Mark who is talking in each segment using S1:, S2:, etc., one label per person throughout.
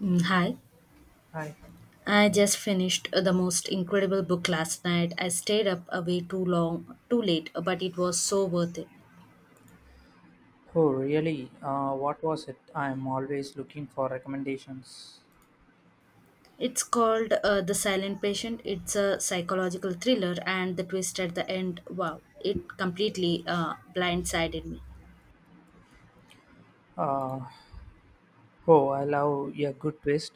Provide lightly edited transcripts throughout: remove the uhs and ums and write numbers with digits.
S1: Hi,
S2: Hi.
S1: I just finished the most incredible book last night. I stayed up way too long, too late, but it was so worth it.
S2: Oh, really? What was it? I'm always looking for recommendations.
S1: It's called The Silent Patient. It's a psychological thriller, and the twist at the end, wow, it completely blindsided me.
S2: Uh, oh, I love a good twist.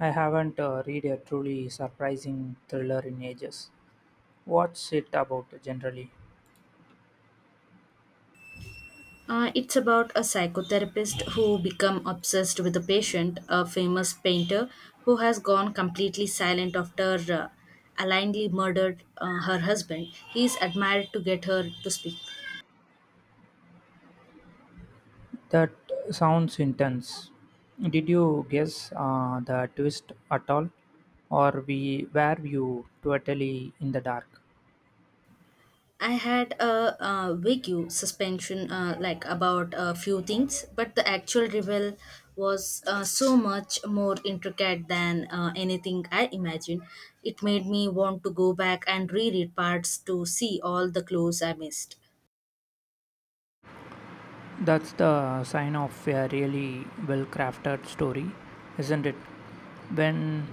S2: I haven't read a truly surprising thriller in ages. What's it about generally?
S1: It's about a psychotherapist who become obsessed with a patient, a famous painter who has gone completely silent after allegedly murdered her husband. He is admired to get her to speak.
S2: That sounds intense. Did you guess the twist at all, or we were you totally in the dark?
S1: I had a, vague suspension like about a few things, but the actual reveal was so much more intricate than anything I imagined. It made me want to go back and reread parts to see all the clues I missed.
S2: That's the sign of a really well crafted story, isn't it? When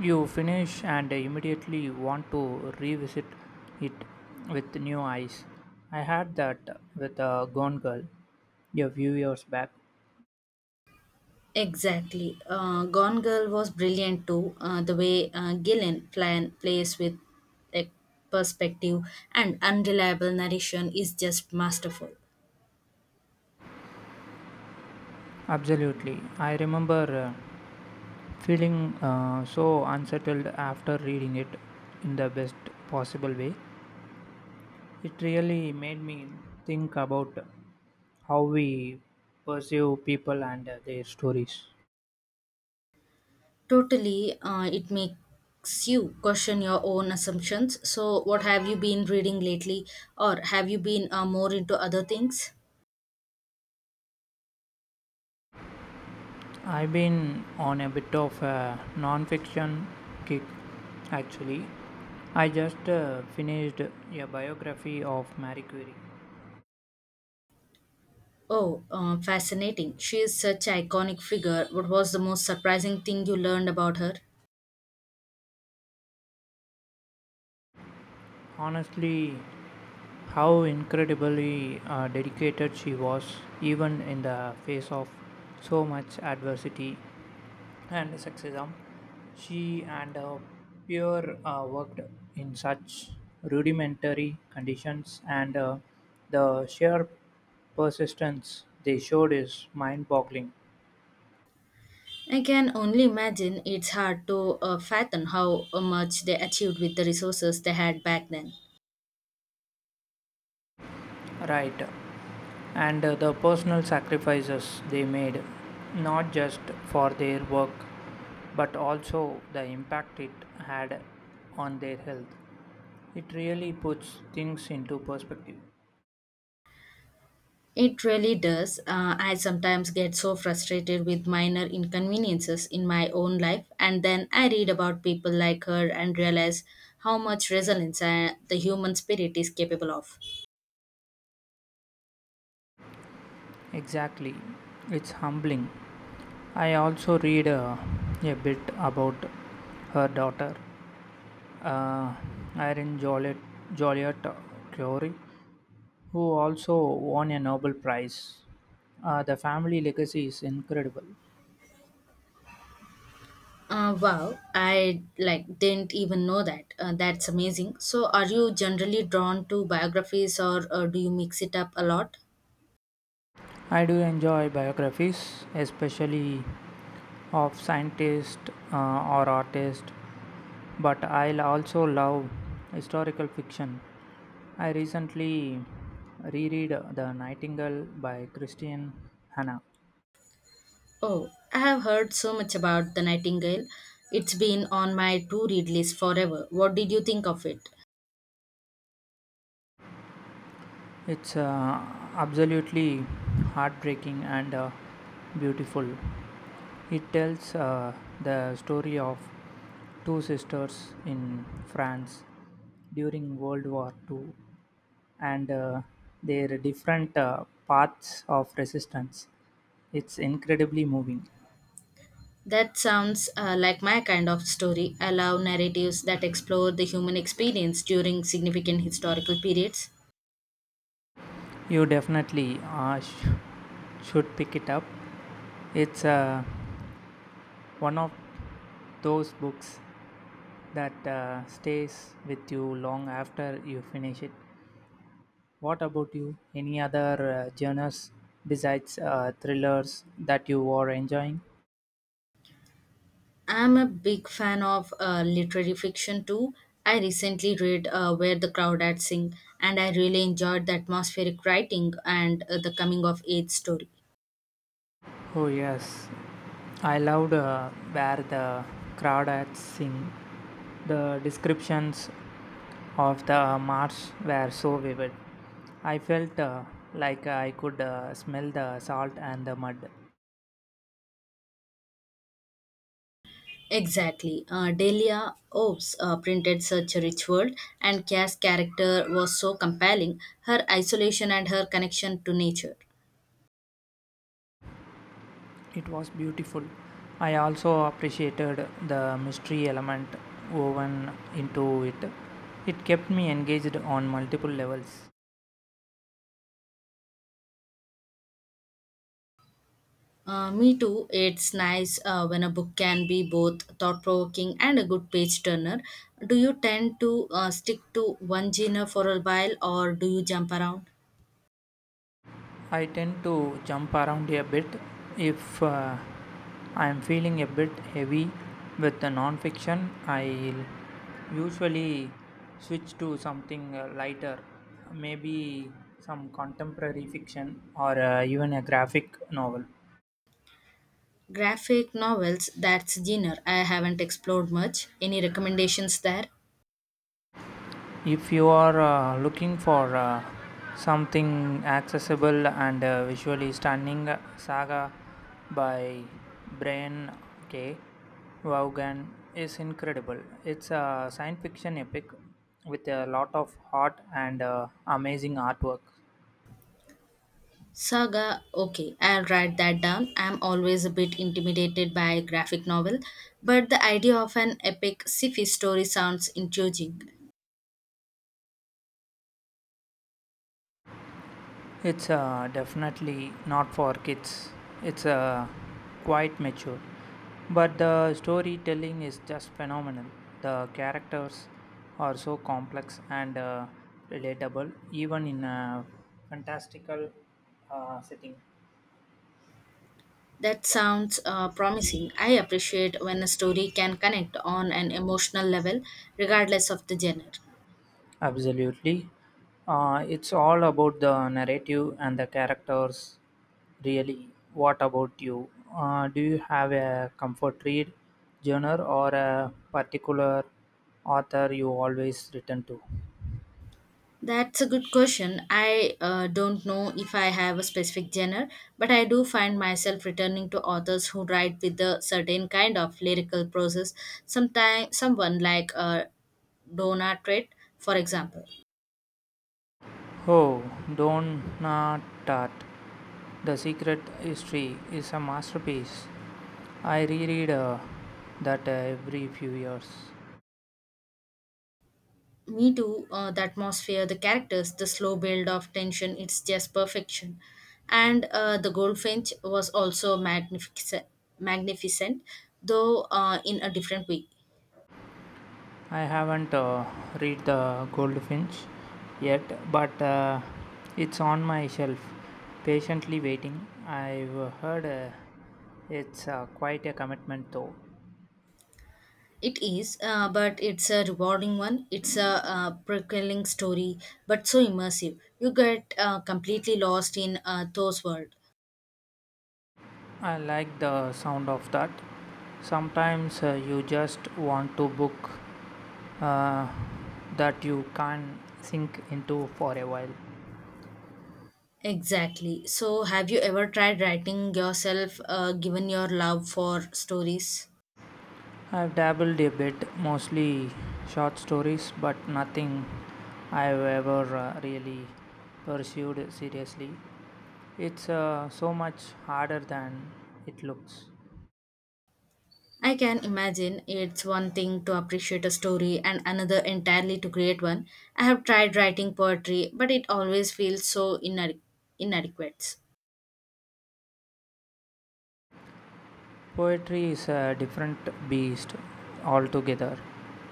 S2: you finish and immediately want to revisit it with new eyes. I had that with a Gone Girl a few years back.
S1: Exactly. Gone Girl was brilliant too. The way Gillian plays with like, perspective and unreliable narration is just masterful.
S2: Absolutely. I remember uh, feeling so unsettled after reading it in the best possible way. It really made me think about how we perceive people and their stories.
S1: Totally, it makes you question your own assumptions. So, what have you been reading lately, or have you been more into other things?
S2: I've been on a bit of a non-fiction kick actually. I just finished a biography of Marie Curie.
S1: Oh, fascinating. She is such an iconic figure. What was the most surprising thing you learned about her?
S2: Honestly, how incredibly dedicated she was, even in the face of so much adversity and sexism. She and Pierre worked in such rudimentary conditions, and the sheer persistence they showed is mind boggling.
S1: I can only imagine it's hard to fathom how much they achieved with the resources they had back then.
S2: Right, and the personal sacrifices they made, not just for their work, but also the impact it had on their health. It really puts things into perspective.
S1: It really does. I sometimes get so frustrated with minor inconveniences in my own life, and then I read about people like her and realize how much resilience the human spirit is capable of.
S2: Exactly. It's humbling. I also read a bit about her daughter, uh, Irene Joliet Curie, who also won a Nobel Prize. The family legacy is incredible.
S1: Wow, I like didn't even know that. That's amazing. So, are you generally drawn to biographies, or do you mix it up a lot?
S2: I do enjoy biographies, especially of scientists uh, or artists, but I also love historical fiction. I recently reread The Nightingale by Christian Hanna.
S1: Oh, I have heard so much about The Nightingale. It's been on my to read list forever. What did you think of it?
S2: It's absolutely heartbreaking and beautiful. It tells the story of two sisters in France during World War II and their different paths of resistance. It's incredibly moving.
S1: That sounds like my kind of story. I love narratives that explore the human experience during significant historical periods.
S2: You definitely should pick it up. It's one of those books that stays with you long after you finish it. What about you? Any other genres besides thrillers that you are enjoying?
S1: I'm a big fan of literary fiction too. I recently read Where the Crowd At Sing, and I really enjoyed the atmospheric writing and the coming of age story.
S2: Oh yes, I loved where the crawdads sing. The descriptions of the marsh were so vivid. I felt like I could smell the salt and the mud.
S1: Exactly. Delia Oves printed such a rich world, and Cass' character was so compelling, her isolation and her connection to nature.
S2: It was beautiful. I also appreciated the mystery element woven into it. It kept me engaged on multiple levels.
S1: Me too. It's nice when a book can be both thought provoking and a good page turner. Do you tend to stick to one genre for a while or do you jump around?
S2: I tend to jump around a bit if I am feeling a bit heavy with the non-fiction. I'll usually switch to something lighter, maybe some contemporary fiction or even a graphic novel.
S1: Graphic novels, that's genre. I haven't explored much. Any recommendations there?
S2: If you are looking for something accessible and visually stunning, Saga by Brian K. Vaughan is incredible. It's a science fiction epic with a lot of heart and amazing artwork.
S1: Saga, okay, I'll write that down. I'm always a bit intimidated by graphic novel, but the idea of an epic sci-fi story sounds intriguing.
S2: It's definitely not for kids. It's quite mature. But the storytelling is just phenomenal. The characters are so complex and relatable, even in a fantastical setting.
S1: That sounds promising. I appreciate when a story can connect on an emotional level, regardless of the genre.
S2: Absolutely. It's all about the narrative and the characters, really. What about you? Do you have a comfort read genre or a particular author you always return to?
S1: That's a good question. I don't know if I have a specific genre, but I do find myself returning to authors who write with a certain kind of lyrical process. Sometimes, someone like Donna Treat, for example.
S2: Oh, Don Tart. The Secret History is a masterpiece. I reread that every few years.
S1: Me too, the atmosphere, the characters, the slow build of tension, it's just perfection. And the goldfinch was also magnificent though in a different way.
S2: I haven't read The Goldfinch yet, but it's on my shelf, patiently waiting. I've heard it's quite a commitment, though.
S1: It is, but it's a rewarding one. It's a prevailing story, but so immersive. You get completely lost in those world.
S2: I like the sound of that. Sometimes you just want to book uh, that you can sink into for a while.
S1: Exactly. So, have you ever tried writing yourself, given your love for stories?
S2: I've dabbled a bit, mostly short stories, but nothing I've ever really pursued seriously. It's so much harder than it looks.
S1: I can imagine it's one thing to appreciate a story and another entirely to create one. I have tried writing poetry, but it always feels so inadequate.
S2: Poetry is a different beast altogether.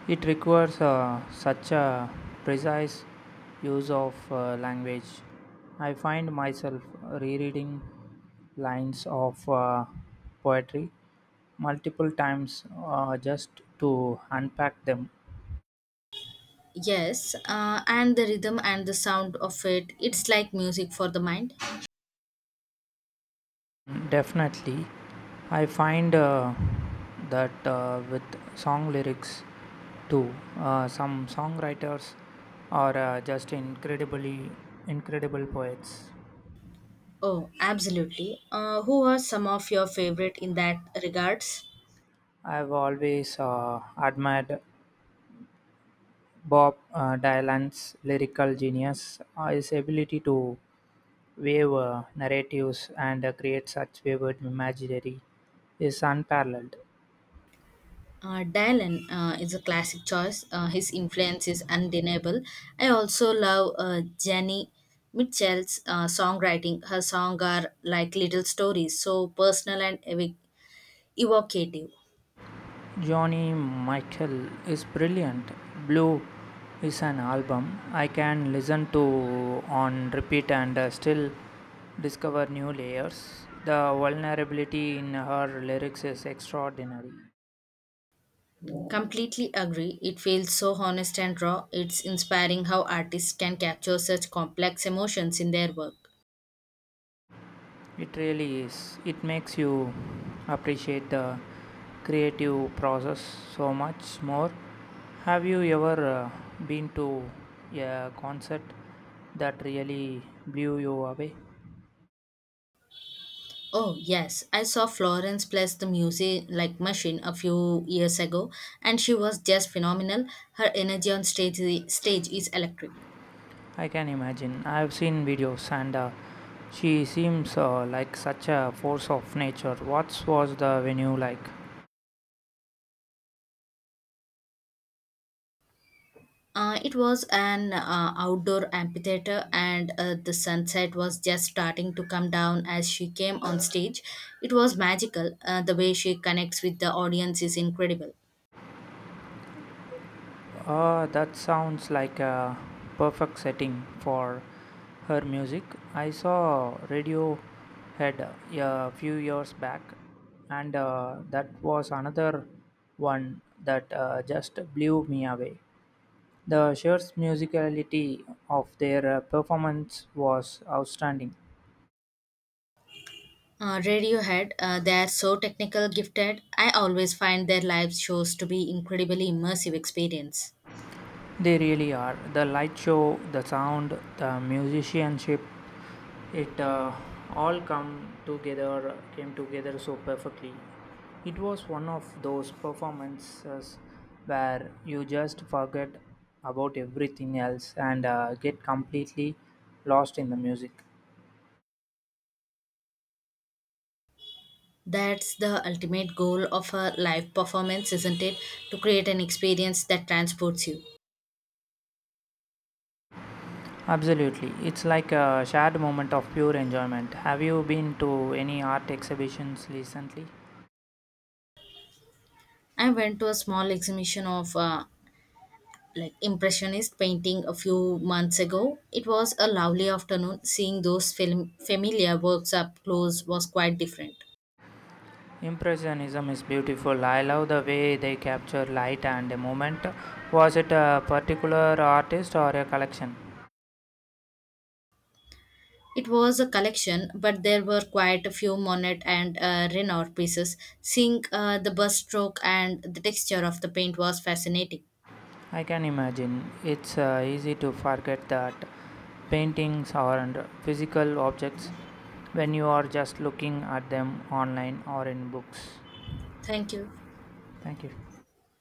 S2: It requires such a precise use of language. I find myself rereading lines of poetry multiple times just to unpack them.
S1: Yes, and the rhythm and the sound of it, it's like music for the mind.
S2: Mm, definitely. I find that with song lyrics too, some songwriters are just incredibly incredible poets.
S1: Oh, absolutely. Who are some of your favorite in that regards?
S2: I've always admired Bob Dylan's lyrical genius, his ability to wave narratives and create such wayward imaginary is unparalleled.
S1: Dylan is a classic choice. His influence is undeniable. I also love Jenny Mitchell's songwriting. Her songs are like little stories, so personal and evocative.
S2: Johnny Mitchell is brilliant. Blue is an album I can listen to on repeat and still discover new layers. The vulnerability in her lyrics is extraordinary.
S1: Completely agree. It feels so honest and raw. It's inspiring how artists can capture such complex emotions in their work.
S2: It really is. It makes you appreciate the creative process so much more. Have you ever been to a concert that really blew you away?
S1: Oh, yes. I saw Florence plays the music like machine a few years ago, and she was just phenomenal. Her energy on stage is electric.
S2: I can imagine. I've seen videos, and she seems like such a force of nature. What was the venue like?
S1: It was an outdoor amphitheater, and the sunset was just starting to come down as she came on stage. It was magical. The way she connects with the audience is incredible.
S2: That sounds like a perfect setting for her music. I saw Radiohead a few years back, and that was another one that just blew me away. The sheer musicality of their performance was outstanding.
S1: Radiohead, they are so technical gifted. I always find their live shows to be incredibly immersive experience.
S2: They really are. The light show, the sound, the musicianship, it all come together came together so perfectly. It was one of those performances where you just forget about everything else and get completely lost in the music.
S1: That's the ultimate goal of a live performance, isn't it? To create an experience that transports you.
S2: Absolutely. It's like a shared moment of pure enjoyment. Have you been to any art exhibitions recently?
S1: I went to a small exhibition of like impressionist painting a few months ago. It was a lovely afternoon. Seeing those familiar works up close was quite different.
S2: Impressionism is beautiful. I love the way they capture light and a moment. Was it a particular artist or a collection?
S1: It was a collection, but there were quite a few Monet and Renoir pieces. Seeing the brushstroke and the texture of the paint was fascinating.
S2: I can imagine. It's easy to forget that paintings are physical objects when you are just looking at them online or in books.
S1: Thank you.
S2: Thank you.